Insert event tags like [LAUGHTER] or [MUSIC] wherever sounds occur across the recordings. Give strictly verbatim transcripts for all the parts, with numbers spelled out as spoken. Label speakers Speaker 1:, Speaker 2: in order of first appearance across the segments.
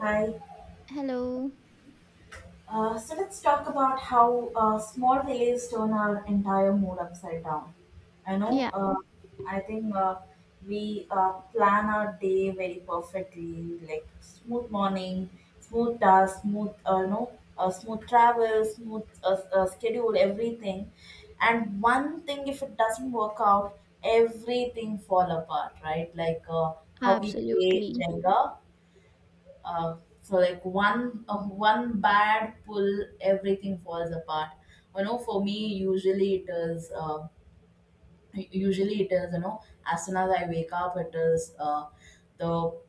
Speaker 1: Hi.
Speaker 2: Hello.
Speaker 1: Uh, so let's talk about how uh, small delays turn our entire mood upside down. I know.
Speaker 2: Yeah,
Speaker 1: Uh, I think uh, we uh, plan our day very perfectly, like smooth morning, smooth task, smooth uh, you know, uh, smooth travel, smooth uh, uh, schedule, everything. And one thing, if it doesn't work out, everything fall apart, right? Like uh, how we play
Speaker 2: absolutely.
Speaker 1: Jenga uh, for like one uh, one bad pull, everything falls apart. You know, for me usually it is uh, usually it is you know, as soon as I wake up, it is uh, the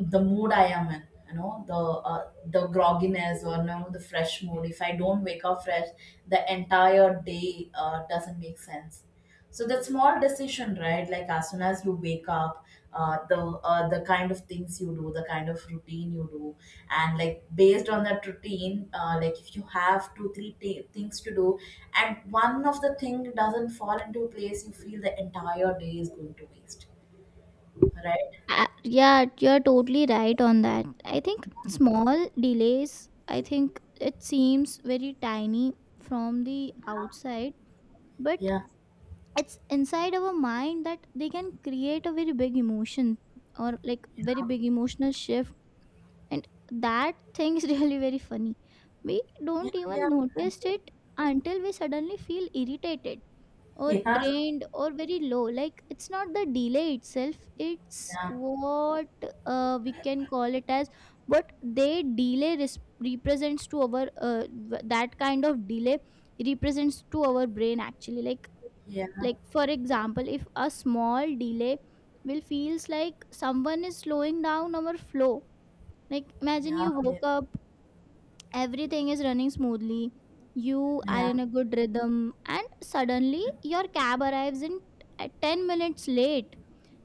Speaker 1: the mood I am in, you know, the uh, the grogginess, or you know, the fresh mood. If I don't wake up fresh, the entire day uh, doesn't make sense. So that small decision, right? Like as soon as you wake up, uh, the uh, the kind of things you do, the kind of routine you do, and like based on that routine, uh, like if you have two three t- things to do, and one of the thing doesn't fall into place, you feel the entire day is going to waste, right?
Speaker 2: Uh, yeah, you're totally right on that. I think small delays, I think it seems very tiny from the outside, but
Speaker 1: Yeah,
Speaker 2: it's inside our mind that they can create a very big emotion or like very big emotional shift. And that thing is [LAUGHS] really very funny. We
Speaker 1: yeah,
Speaker 2: don't
Speaker 1: yeah.
Speaker 2: even notice it until we suddenly feel irritated or
Speaker 1: Yeah,
Speaker 2: drained or very low. Like it's not the delay itself, it's
Speaker 1: yeah,
Speaker 2: what uh, we can call it as what they delay res- represents to our uh, w- that kind of delay represents to our brain, actually. like
Speaker 1: yeah,
Speaker 2: like for example, if a small delay will feels like someone is slowing down our flow. Like imagine
Speaker 1: yeah,
Speaker 2: you woke up, everything is running smoothly, you are
Speaker 1: yeah,
Speaker 2: in a good rhythm, and suddenly your cab arrives in at ten minutes late.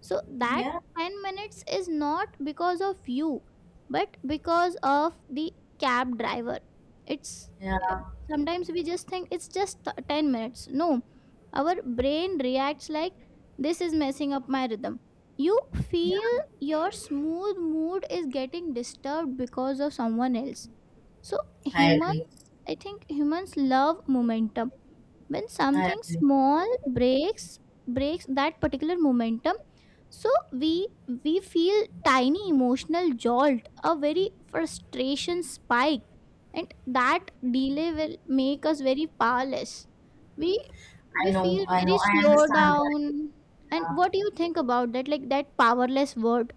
Speaker 2: So that
Speaker 1: yeah,
Speaker 2: ten minutes is not because of you, but because of the cab driver. it's
Speaker 1: yeah,
Speaker 2: eh, Sometimes we just think it's just t- ten minutes. No, our brain reacts like, this is messing up my rhythm. You
Speaker 1: yeah.
Speaker 2: feel your smooth mood is getting disturbed because of someone else. So
Speaker 1: I agree.
Speaker 2: humans, I think humans love momentum. When
Speaker 1: I
Speaker 2: something
Speaker 1: agree.
Speaker 2: small breaks, breaks that particular momentum, so we we feel tiny emotional jolt, a very frustration spike, and that delay will make us very powerless. We
Speaker 1: I
Speaker 2: we
Speaker 1: know,
Speaker 2: feel
Speaker 1: I know,
Speaker 2: very
Speaker 1: I
Speaker 2: slow
Speaker 1: understand. Right?
Speaker 2: down. And
Speaker 1: Yeah.
Speaker 2: what do you think about that? Like that powerless word,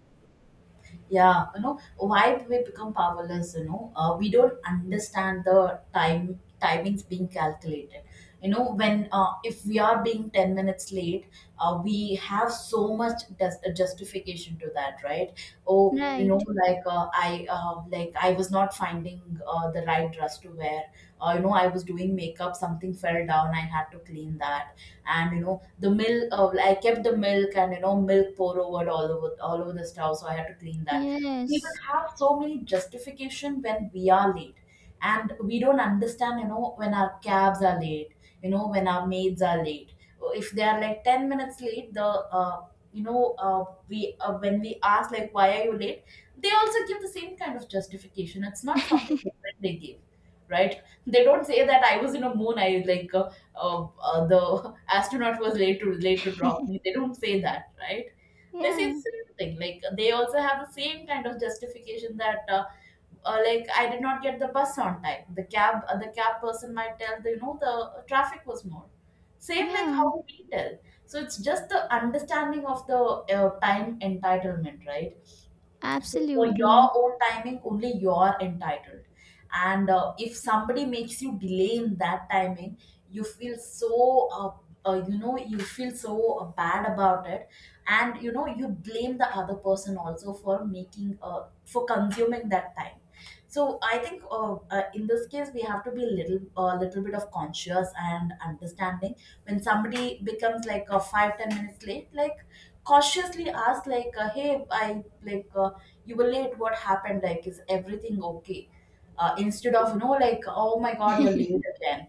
Speaker 1: Yeah, you know why we become powerless? You know, uh, we don't understand the time timings being calculated. You know, when uh, if we are being ten minutes late, uh, we have so much just, uh, justification to that, right? Oh, you know,
Speaker 2: right?
Speaker 1: like uh, i uh, like I was not finding uh, the right dress to wear. Uh, you know, I was doing makeup, something fell down, I had to clean that. And you know, the milk, uh, I kept the milk, and you know, milk pour over all over all over the stove, so I had to clean that. We
Speaker 2: Yes.
Speaker 1: will have so many justification when we are late, and we don't understand, you know, when our cabs are late, you know, when our maids are late. If they are like ten minutes late, the uh, you know, uh, we uh, when we ask, like, why are you late, they also give the same kind of justification. It's not something different they give, right? They don't say that I was in a moon, I like uh, uh, uh, the [LAUGHS] astronaut was late to late to drop me. They don't say that, right? They say
Speaker 2: Yeah.
Speaker 1: the same thing. Like they also have the same kind of justification that. Uh, uh, like I did not get the bus on time. The cab, uh, the cab person might tell the, you know, the traffic was more. Same like
Speaker 2: Yeah.
Speaker 1: how we tell. So it's just the understanding of the uh, time entitlement, right? So for your
Speaker 2: Absolutely.
Speaker 1: own timing only you're entitled, and uh, if somebody makes you delay in that timing, you feel so uh, uh, you know, you feel so uh, bad about it, and you know, you blame the other person also for making uh, for consuming that time. So I think uh, uh, in this case, we have to be a little a little bit of conscious and understanding. When somebody becomes like a five, ten minutes late, like cautiously ask, like, uh, hey, I like uh, you were late, what happened, like, is everything okay? Uh, instead of, you know, like, oh my god, you're late again.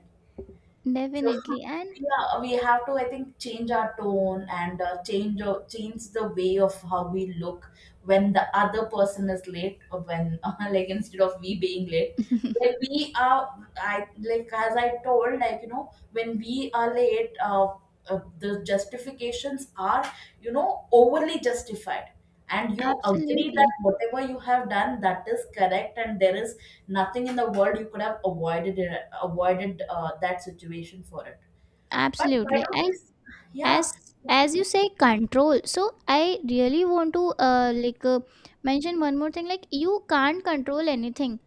Speaker 1: So
Speaker 2: Definitely. And
Speaker 1: [LAUGHS] yeah, we have to, I think, change our tone, and uh, change uh, change the way of how we look when the other person is late, or when [LAUGHS] uh, like instead of we being late, when we are, I like as I told, like, you know, when we are late, uh, uh, the justifications are, you know, overly justified, and
Speaker 2: [LAUGHS]
Speaker 1: you agree that
Speaker 2: absolutely.
Speaker 1: whatever you have done that is correct, and there is nothing in the world you could have avoided it, avoided uh, that situation for it. But why
Speaker 2: Absolutely.
Speaker 1: don't
Speaker 2: I,
Speaker 1: we s- Yeah,
Speaker 2: as as you say, control. So I really want to uh, like uh, mention one more thing, like you can't control anything.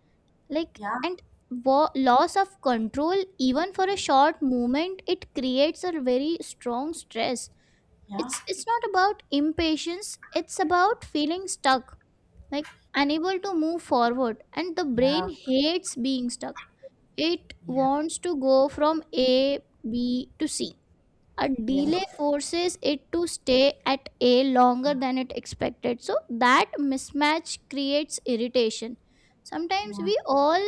Speaker 2: Like,
Speaker 1: yeah,
Speaker 2: and wa- loss of control, even for a short moment, it creates a very strong stress.
Speaker 1: yeah,
Speaker 2: It's it's not about impatience, it's about feeling stuck, like unable to move forward, and the brain
Speaker 1: yeah,
Speaker 2: hates being stuck. It
Speaker 1: yeah,
Speaker 2: wants to go from A, B to C. A
Speaker 1: yeah,
Speaker 2: delay forces it to stay at A longer
Speaker 1: yeah, yeah,
Speaker 2: than it expected. So that mismatch creates irritation. Sometimes
Speaker 1: yeah,
Speaker 2: we all,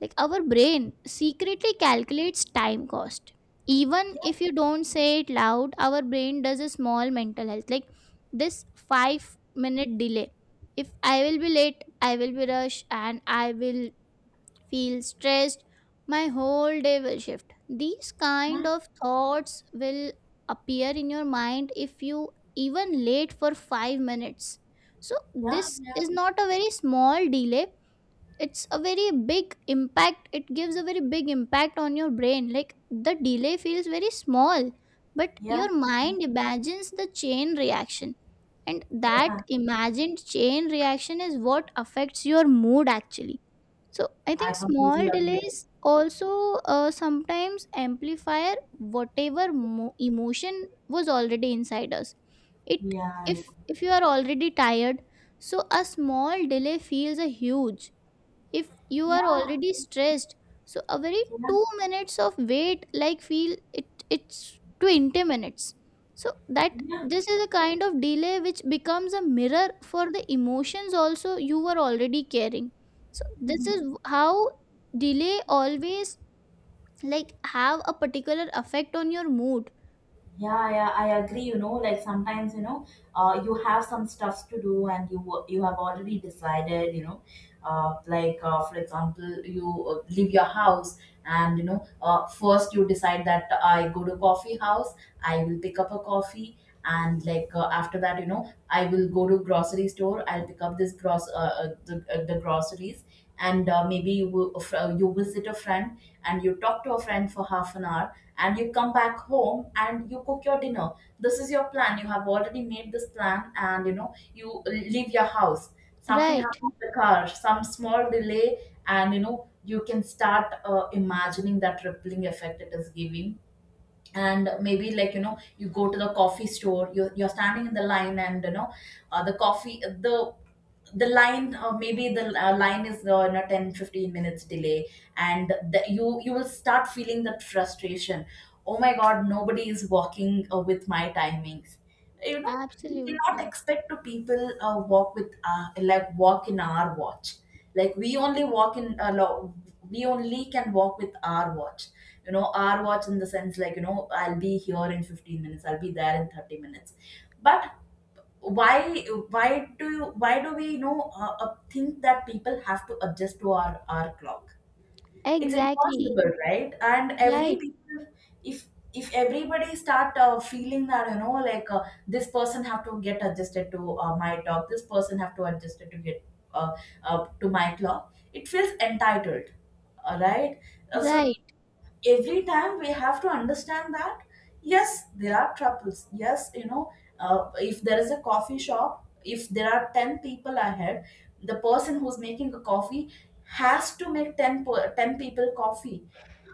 Speaker 2: like our brain, secretly calculates time cost. Even if you don't say it loud, our brain does a small mental health. Like, this five minute delay. If I will be late, I will be rushed, and I will feel stressed, my whole day will shift. These
Speaker 1: yeah,
Speaker 2: kind of thoughts will appear in your mind if you even late for five minutes. So
Speaker 1: yeah,
Speaker 2: this is not a very small delay, it's a very big impact. It gives a very big impact on your brain. Like the delay feels very small, but
Speaker 1: yeah, yeah,
Speaker 2: your mind imagines the chain reaction, and
Speaker 1: yeah.
Speaker 2: that imagined chain reaction is what affects your mood, actually. So I
Speaker 1: I
Speaker 2: think
Speaker 1: completely
Speaker 2: small
Speaker 1: agree.
Speaker 2: delays also uh, sometimes amplify whatever mo- emotion was already inside us. It,
Speaker 1: Yeah,
Speaker 2: if if you are already tired, so a small delay feels a huge. If you are
Speaker 1: yeah,
Speaker 2: already
Speaker 1: yeah,
Speaker 2: stressed, so a very two minutes of wait like feel it, it's twenty minutes. So that,
Speaker 1: yeah,
Speaker 2: this is a kind of delay which becomes a mirror for the emotions also you were already carrying. So
Speaker 1: yeah.
Speaker 2: this
Speaker 1: [LAUGHS]
Speaker 2: is how delay always like have a particular effect on your mood.
Speaker 1: Yeah, yeah, I agree. You know, like sometimes, you know, uh, you have some stuffs to do and you wo- you have already decided, you know, uh, like uh, for example, you uh, leave your house, and you know, uh, first you decide that I go to coffee house, I will pick up a coffee, and like uh, after that, you know, I will go to grocery store, I'll pick up this gross uh, uh, the, uh, the groceries, and uh, maybe you will- a fr- you visit a friend, and you talk to a friend for half an hour, and you come back home and you cook your dinner. This is your plan, you have already made this plan, and you know, you leave your house, something
Speaker 2: Right.
Speaker 1: happens to the car, some small delay, and you know, you can start uh, imagining that rippling effect it is giving. And maybe, like, you know, you go to the coffee store, you're, you're standing in the line, and you know, uh, the coffee the the line, uh, maybe the uh, line is, uh, you know, ten fifteen minutes delay, and the, you you will start feeling that frustration. Oh my god, nobody is walking uh, with my timings, you know. We cannot
Speaker 2: Absolutely.
Speaker 1: expect to people uh, walk with uh, like walk in our watch. Like we only walk in a lot. We only can walk with our watch, you know. Our watch in the sense, like, you know, I'll be here in fifteen minutes, I'll be there in thirty minutes. But why why do you, why do we, you know, uh, uh, think that people have to adjust to our our clock? It's
Speaker 2: Exactly.
Speaker 1: impossible, right? And every
Speaker 2: Right.
Speaker 1: people, if if everybody start uh, feeling that, you know, like uh, this person have to get adjusted to uh, my talk, this person have to adjusted to get uh, uh, to my clock, it feels entitled, all right. Uh, so
Speaker 2: Right.
Speaker 1: every time we have to understand that yes, there are troubles, yes, you know, uh, if there is a coffee shop, if there are ten people ahead, the person who's making a coffee has to make ten, per- ten people coffee.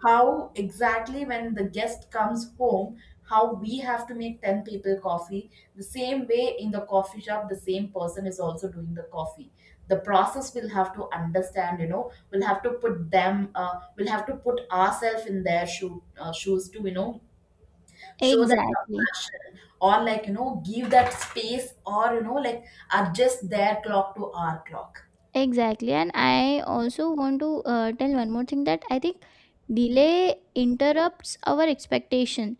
Speaker 1: How exactly when the guest comes home, how we have to make ten people coffee, the same way in the coffee shop the same person is also doing the coffee, the process. Will have to understand, you know, we'll have to put them uh, we'll have to put ourselves in their shoe, uh, shoes, to, you know, show that
Speaker 2: Exactly.
Speaker 1: compassion, or like, you know, give that space, or you know, like adjust their clock to our clock.
Speaker 2: Exactly, and I also want to uh, tell one more thing that I think delay interrupts our expectation.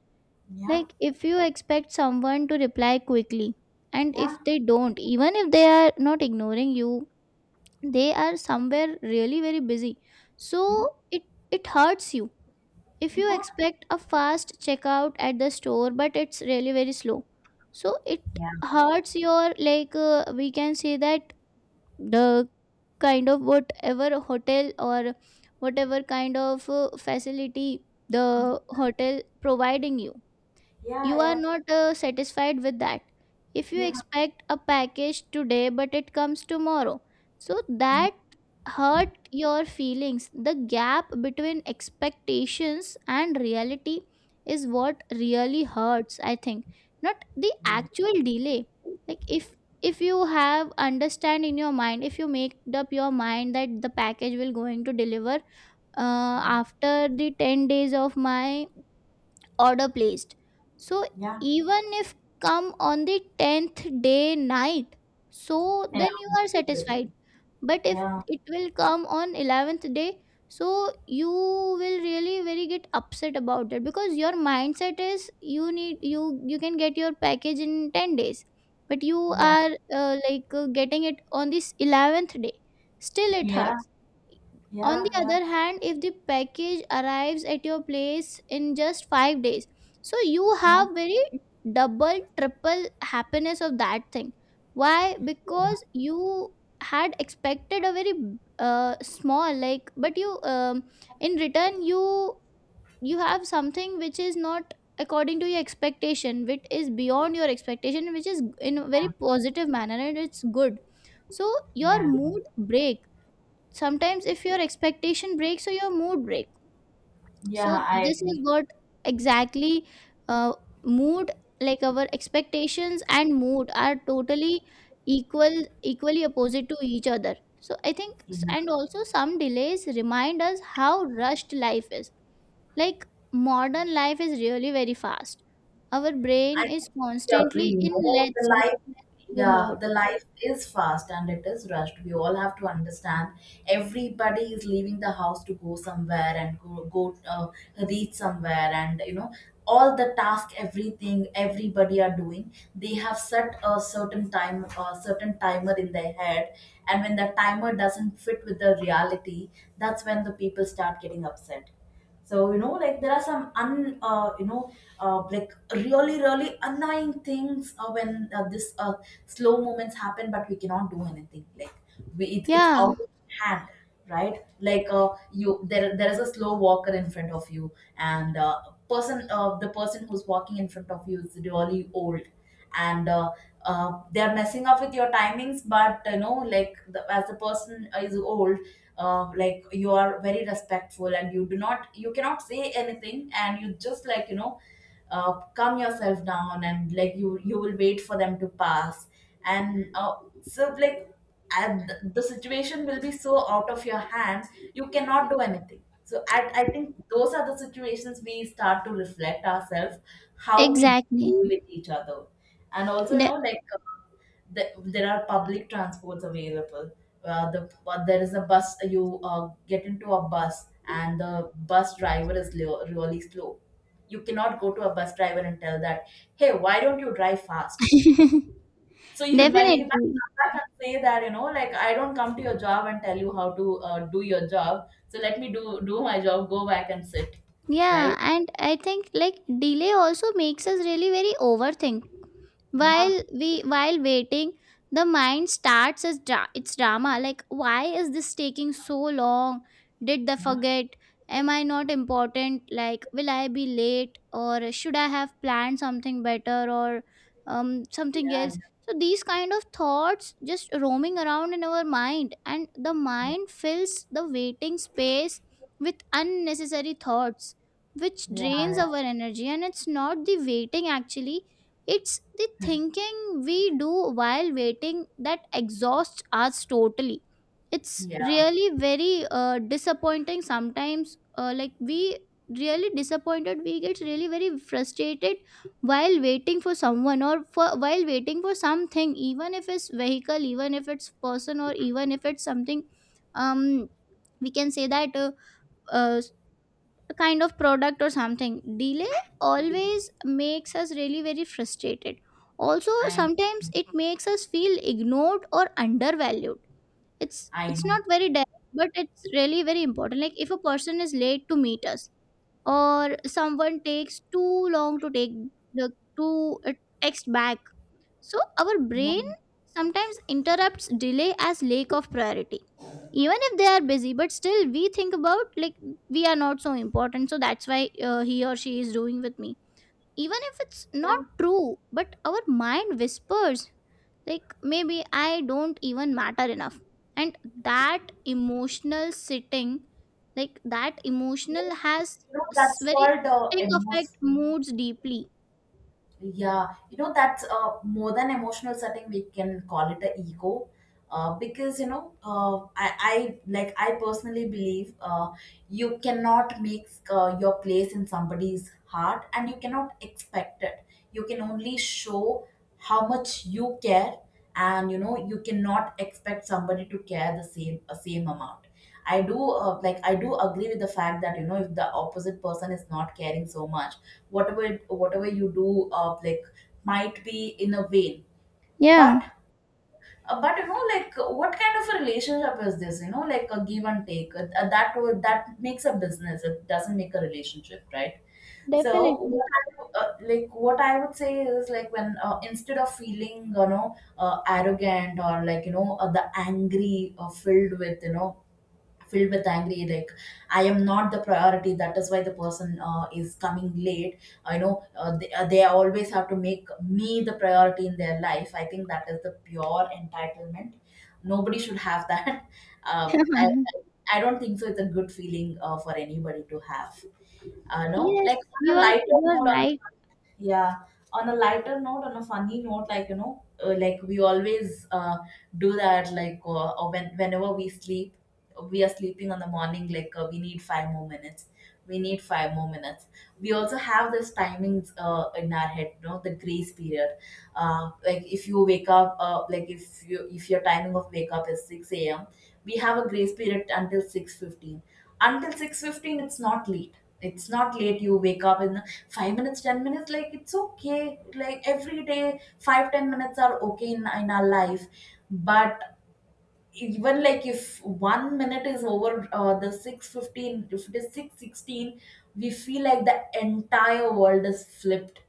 Speaker 1: Yeah,
Speaker 2: Like, if you expect someone to reply quickly, and
Speaker 1: yeah,
Speaker 2: if they don't, even if they are not ignoring you, they are somewhere really very busy. So
Speaker 1: yeah,
Speaker 2: it it hurts you. If you
Speaker 1: yeah,
Speaker 2: expect a fast checkout at the store, but it's really very slow. So it
Speaker 1: yeah,
Speaker 2: hurts your, like uh, we can say that the kind of whatever hotel or whatever kind of uh, facility the hotel providing you,
Speaker 1: yeah,
Speaker 2: you are
Speaker 1: yeah,
Speaker 2: not uh, satisfied with that. If you
Speaker 1: yeah,
Speaker 2: expect a package today, but it comes tomorrow, so that hurt your feelings. The gap between expectations and reality is what really hurts, I think, not the
Speaker 1: right.
Speaker 2: actual delay. Like if if you have understand in your mind, if you make up your mind that the package will going to deliver uh, after the ten days of my order placed. So
Speaker 1: Yeah,
Speaker 2: even if come on the tenth day night, so
Speaker 1: yeah,
Speaker 2: then you are satisfied. But if
Speaker 1: yeah,
Speaker 2: it will come on eleventh day, so you will really very get upset about it, because your mindset is you need, you you can get your package in ten days, but you
Speaker 1: yeah,
Speaker 2: are uh, like uh, getting it on this eleventh day. Still it
Speaker 1: yeah,
Speaker 2: hurts. On the
Speaker 1: yeah, yeah,
Speaker 2: other hand, if the package arrives at your place in just five days, so you
Speaker 1: yeah,
Speaker 2: have very double, triple happiness of that thing. Why? Because you had expected a very uh, small, like, but you um, in return, you you have something which is not according to your expectation, which is beyond your expectation, which is in a very positive manner, and it's good. So your
Speaker 1: yeah,
Speaker 2: mood breaks sometimes if your expectation breaks or your mood break. So
Speaker 1: yeah, I
Speaker 2: this is
Speaker 1: agree.
Speaker 2: what exactly uh, mood, like, our expectations and mood are totally equal equally opposite to each other. So I think s-
Speaker 1: Yeah.
Speaker 2: and also some delays remind us how rushed life is. Like modern life is really very fast, our brain
Speaker 1: I
Speaker 2: is
Speaker 1: completely agree.
Speaker 2: constantly
Speaker 1: You
Speaker 2: in
Speaker 1: know, the
Speaker 2: let's go,
Speaker 1: life,
Speaker 2: let's go
Speaker 1: yeah,
Speaker 2: mode.
Speaker 1: the life is fast and it is rushed. We all have to understand. Everybody is leaving the house to go somewhere and go go uh, reach somewhere, and you know, all the task, everything, everybody are doing. They have set a certain time, a certain timer in their head, and when the timer doesn't fit with the reality, that's when the people start getting upset. So you know, like there are some un uh, you know, uh, like really really annoying things uh, when uh, this uh, slow moments happen, but we cannot do anything, like we, it, it's out
Speaker 2: Yeah.
Speaker 1: of hand, right? Like uh, you there there is a slow walker in front of you, and uh, person uh, the person who's walking in front of you is really old, and uh, uh, they're messing up with your timings, but you know, like the, as the person is old, uh, like you are very respectful and you do not, you cannot say anything, and you just, like, you know, uh, calm yourself down, and like, you you will wait for them to pass, and uh, so like and th- the situation will be so out of your hands, you cannot do anything. So I, I think those are the situations we start to reflect ourselves, how we
Speaker 2: Exactly.
Speaker 1: deal with each other. And also, you
Speaker 2: De-
Speaker 1: know, like the, there are public transports available. Uh, the but there is a bus. You uh, get into a bus, and the bus driver is le- really slow. You cannot go to a bus driver and tell that, "Hey, why don't you drive fast?"
Speaker 2: [LAUGHS]
Speaker 1: So you, [LAUGHS] might, he might
Speaker 2: Definitely.
Speaker 1: come back and say that, you know, like, I don't come to your job and tell you how to uh, do your job. So let me do do my job. Go back and sit,
Speaker 2: Yeah,
Speaker 1: right?
Speaker 2: and I think like delay also makes us really very overthink
Speaker 1: Yeah,
Speaker 2: while we while waiting. The mind starts as dra- its drama, like why is this taking so long, did they
Speaker 1: yeah,
Speaker 2: forget, am I not important, like will I be late, or should I have planned something better, or um, something
Speaker 1: yeah,
Speaker 2: else. So these kind of thoughts just roaming around in our mind, and the
Speaker 1: yeah,
Speaker 2: mind fills the waiting space with unnecessary thoughts which
Speaker 1: yeah,
Speaker 2: drains
Speaker 1: yeah.
Speaker 2: our energy, and it's not the waiting actually, it's the thinking we do while waiting that exhausts us totally. It's
Speaker 1: Yeah.
Speaker 2: really very uh, disappointing sometimes. Uh, like, we really disappointed, we get really very frustrated while waiting for someone, or for while waiting for something, even if it's vehicle, even if it's person, or even if it's something. um we can say that uh, uh, a kind of product or something delay always makes us really very frustrated. Also
Speaker 1: I know.
Speaker 2: sometimes it makes us feel ignored or undervalued. it's
Speaker 1: I
Speaker 2: it's
Speaker 1: know.
Speaker 2: not very direct, but it's really very important. Like if a person is late to meet us, or someone takes too long to take the to uh, text back. So our
Speaker 1: Yeah,
Speaker 2: brain sometimes interrupts delay as lack of priority. Even if they are busy, but still we think about, like, we are not so important. So that's why uh, he or she is doing with me. Even if it's not
Speaker 1: yeah,
Speaker 2: true, but our mind whispers like maybe I don't even matter enough. And that emotional sitting, like that
Speaker 1: yeah.
Speaker 2: emotional
Speaker 1: you
Speaker 2: has
Speaker 1: know
Speaker 2: s-
Speaker 1: that's
Speaker 2: very
Speaker 1: called, uh,
Speaker 2: sitting affect
Speaker 1: emos-
Speaker 2: moods deeply.
Speaker 1: yeah, you know that's uh, more than emotional setting. We can call it a ego, uh, because you know, uh, I, I like i personally believe, uh, you cannot make uh, your place in somebody's heart, and you cannot expect it. You can only show how much you care. And you know, you cannot expect somebody to care the same, a same amount. I do, uh, like i do agree with the fact that, you know, if the opposite person is not caring so much, whatever whatever you do, uh, like might be in a vain.
Speaker 2: Yeah,
Speaker 1: But uh, but you know, like, what kind of a relationship is this? You know, like, a give and take, uh, uh, that would that makes a business, it doesn't make a relationship, right? So
Speaker 2: definitely.
Speaker 1: what I, uh, like what i would say is, like, when, uh, instead of feeling, you know, uh, arrogant, or like, you know, uh, the angry, or filled with, you know, filled with angry, like, I am not the priority, that is why the person uh, is coming late. I know, uh, they, uh, they always have to make me the priority in their life. I think that is the pure entitlement. Nobody should have that. [LAUGHS] uh,
Speaker 2: [LAUGHS]
Speaker 1: I, I I don't think so it's a good feeling uh, for anybody to have. uh, no,
Speaker 2: Yes,
Speaker 1: like, on
Speaker 2: you
Speaker 1: a
Speaker 2: are
Speaker 1: lighter
Speaker 2: you are
Speaker 1: note, on
Speaker 2: right.
Speaker 1: a, yeah on a lighter note, on a funny note, like, you know, uh, like, we always, uh, do that, like, uh, or when whenever we sleep, we are sleeping on the morning, like, uh, we need five more minutes, we need five more minutes. We also have this timings uh, in our head, you know, the grace period. uh, like, if you wake up, uh, like, if you if your timing of wake up is six a.m, we have a grace period until six fifteen. Until six fifteen, it's not late, it's not late. You wake up in five minutes, ten minutes, like, it's okay, like, every day five ten minutes are okay in, in our life. But even, like, if one minute is over, uh, the six fifteen, if it is six sixteen, we feel like the entire world is flipped.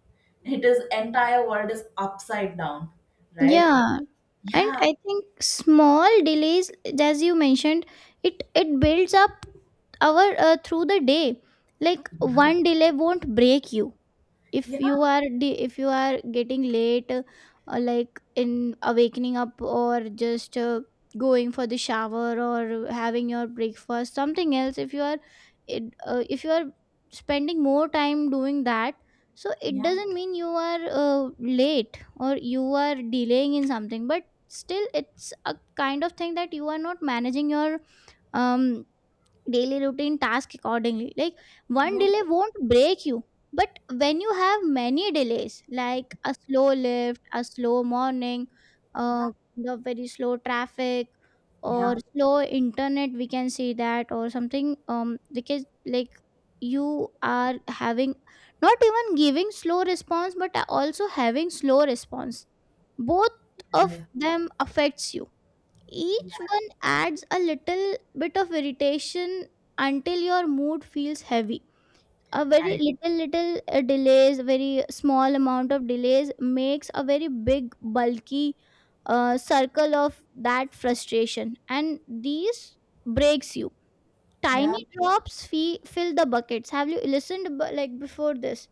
Speaker 1: It is entire world is upside down, right?
Speaker 2: Yeah, and
Speaker 1: Yeah,
Speaker 2: I think small delays, as you mentioned, it it builds up our uh, through the day. Like one delay won't break you. If
Speaker 1: yeah,
Speaker 2: you are de- if you are getting late, uh, like in awakening up, or just uh, going for the shower, or having your breakfast, something else, if you are, it, uh, if you are spending more time doing that, so it
Speaker 1: yeah,
Speaker 2: doesn't mean you are uh, late or you are delaying in something, but still it's a kind of thing that you are not managing your um daily routine task accordingly. Like one
Speaker 1: yeah,
Speaker 2: delay won't break you, but when you have many delays, like a slow lift, a slow morning,
Speaker 1: yeah,
Speaker 2: uh the very slow traffic,
Speaker 1: yeah.
Speaker 2: or slow internet, we can see that, or something, um because, like, you are having not even giving slow response, but also having slow response. Both of
Speaker 1: Yeah,
Speaker 2: them affects you.
Speaker 1: yeah.
Speaker 2: Each one adds a little bit of irritation until your mood feels heavy. A very
Speaker 1: I-
Speaker 2: little, little uh, delays, very small amount of delays makes a very big, bulky uh, circle of that frustration, and these breaks you.
Speaker 1: yeah.
Speaker 2: Tiny drops fee- fill the buckets. Have you listened b- like before this?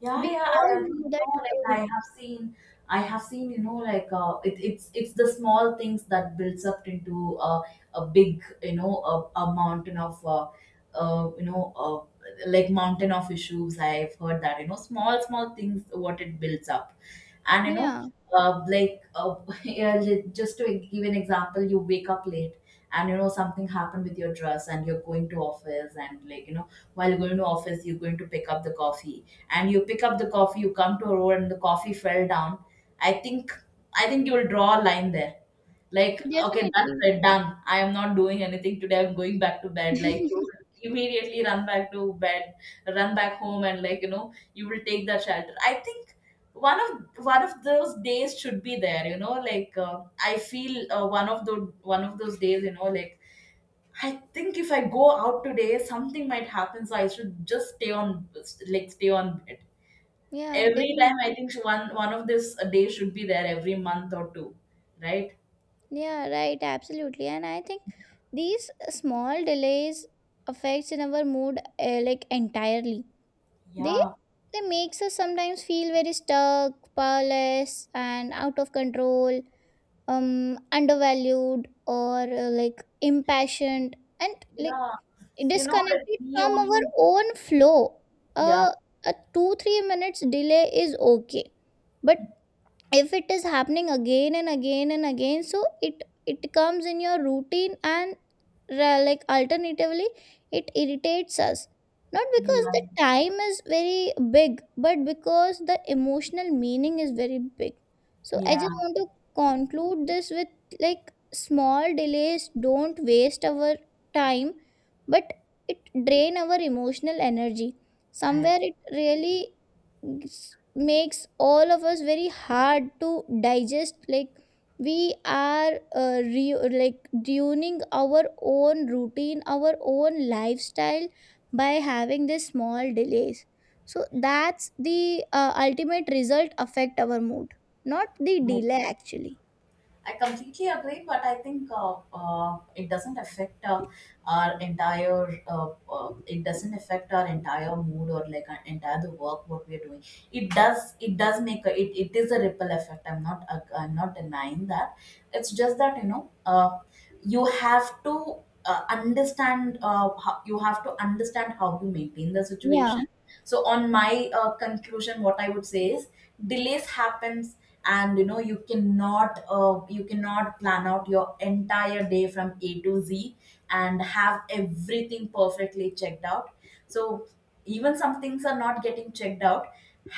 Speaker 1: Yeah,
Speaker 2: We
Speaker 1: yeah,
Speaker 2: all
Speaker 1: I agree. You
Speaker 2: know that.
Speaker 1: know, like,
Speaker 2: Uh,
Speaker 1: I have seen, I have seen, you know, like, uh, it, it's it's the small things that builds up into, uh, a big, you know, a, a mountain of, uh, uh, you know, uh, like mountain of issues. I've heard that, you know, small small things what it builds up, and you know,
Speaker 2: yeah,
Speaker 1: uh, like uh, [LAUGHS] yeah, li- just to e, give an example. You wake up late, and you know, something happened with your dress, and you're going to office, and like, you know, while going to office, you're going to pick up the coffee, and you pick up the coffee, you come to a road, and the coffee fell down. I think i think you will draw a line there, like, okay, that's
Speaker 2: definitely.
Speaker 1: it, done, I am not doing anything today, I'm going back to bed. Like, you
Speaker 2: [LAUGHS]
Speaker 1: will immediately run back to bed, run back home, and like, you know, you will take that shelter. I think one of one of those days should be there, you know, like, uh, I feel, uh, one of the one of those days, you know, like, I think if I go out today, something might happen, so I should just stay on, like, stay on bed.
Speaker 2: Yeah,
Speaker 1: Every
Speaker 2: definitely.
Speaker 1: time I think so, one one of this a day should be there every month or two, right?
Speaker 2: Yeah, right, absolutely. And I think these small delays affects in our mood uh, like entirely. They
Speaker 1: Yeah,
Speaker 2: they makes us sometimes feel very stuck, powerless, and out of control. Um undervalued, or uh, like impassioned, and like
Speaker 1: yeah. You know that
Speaker 2: disconnected
Speaker 1: we
Speaker 2: from our
Speaker 1: only,
Speaker 2: own flow.
Speaker 1: yeah,
Speaker 2: uh, a two three minutes delay is okay, but if it is happening again and again and again, so it it comes in your routine, and ra- like alternatively it irritates us. Not because the
Speaker 1: yeah,
Speaker 2: time is very big, but because the emotional meaning is very big. So I
Speaker 1: yeah.
Speaker 2: just want to conclude this with, like, small delays don't waste our time, but it drain our emotional energy.
Speaker 1: I,
Speaker 2: Somewhere it really s- makes all of us very hard to digest. Like we are uh, re- like tuning our own routine, our own lifestyle by having these small delays. So that's the uh, ultimate result affect our mood, not the delay actually.
Speaker 1: I completely agree, but I think, uh, uh, it doesn't affect uh, our entire. Uh, uh, it doesn't affect our entire mood, or like, our entire the work what we are doing. It does. It does make a, it. It is a ripple effect. I'm not. Uh, I'm not denying that. It's just that, you know. Uh, you have to uh, understand. Uh, how, you have to understand how to maintain the
Speaker 2: Yeah.
Speaker 1: situation. So on my uh, conclusion, what I would say is, delays happens, and you know, you cannot uh, you cannot plan out your entire day from a to z and have everything perfectly checked out. So even some things are not getting checked out,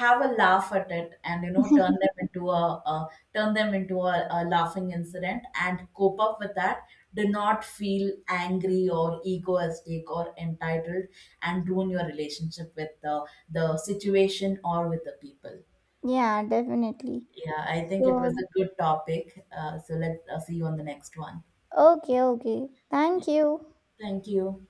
Speaker 1: have a laugh at it, and you know, turn
Speaker 2: [LAUGHS]
Speaker 1: them into a, a turn them into a, a laughing incident, and cope up with that. Do not feel angry or egoistic or entitled, and ruin your relationship with the, the situation, or with the people.
Speaker 2: Yeah, definitely.
Speaker 1: Yeah, I think
Speaker 2: So,
Speaker 1: it was a good topic. Uh, so let's uh, see you on the next one.
Speaker 2: okay, okay, thank you.
Speaker 1: Thank you.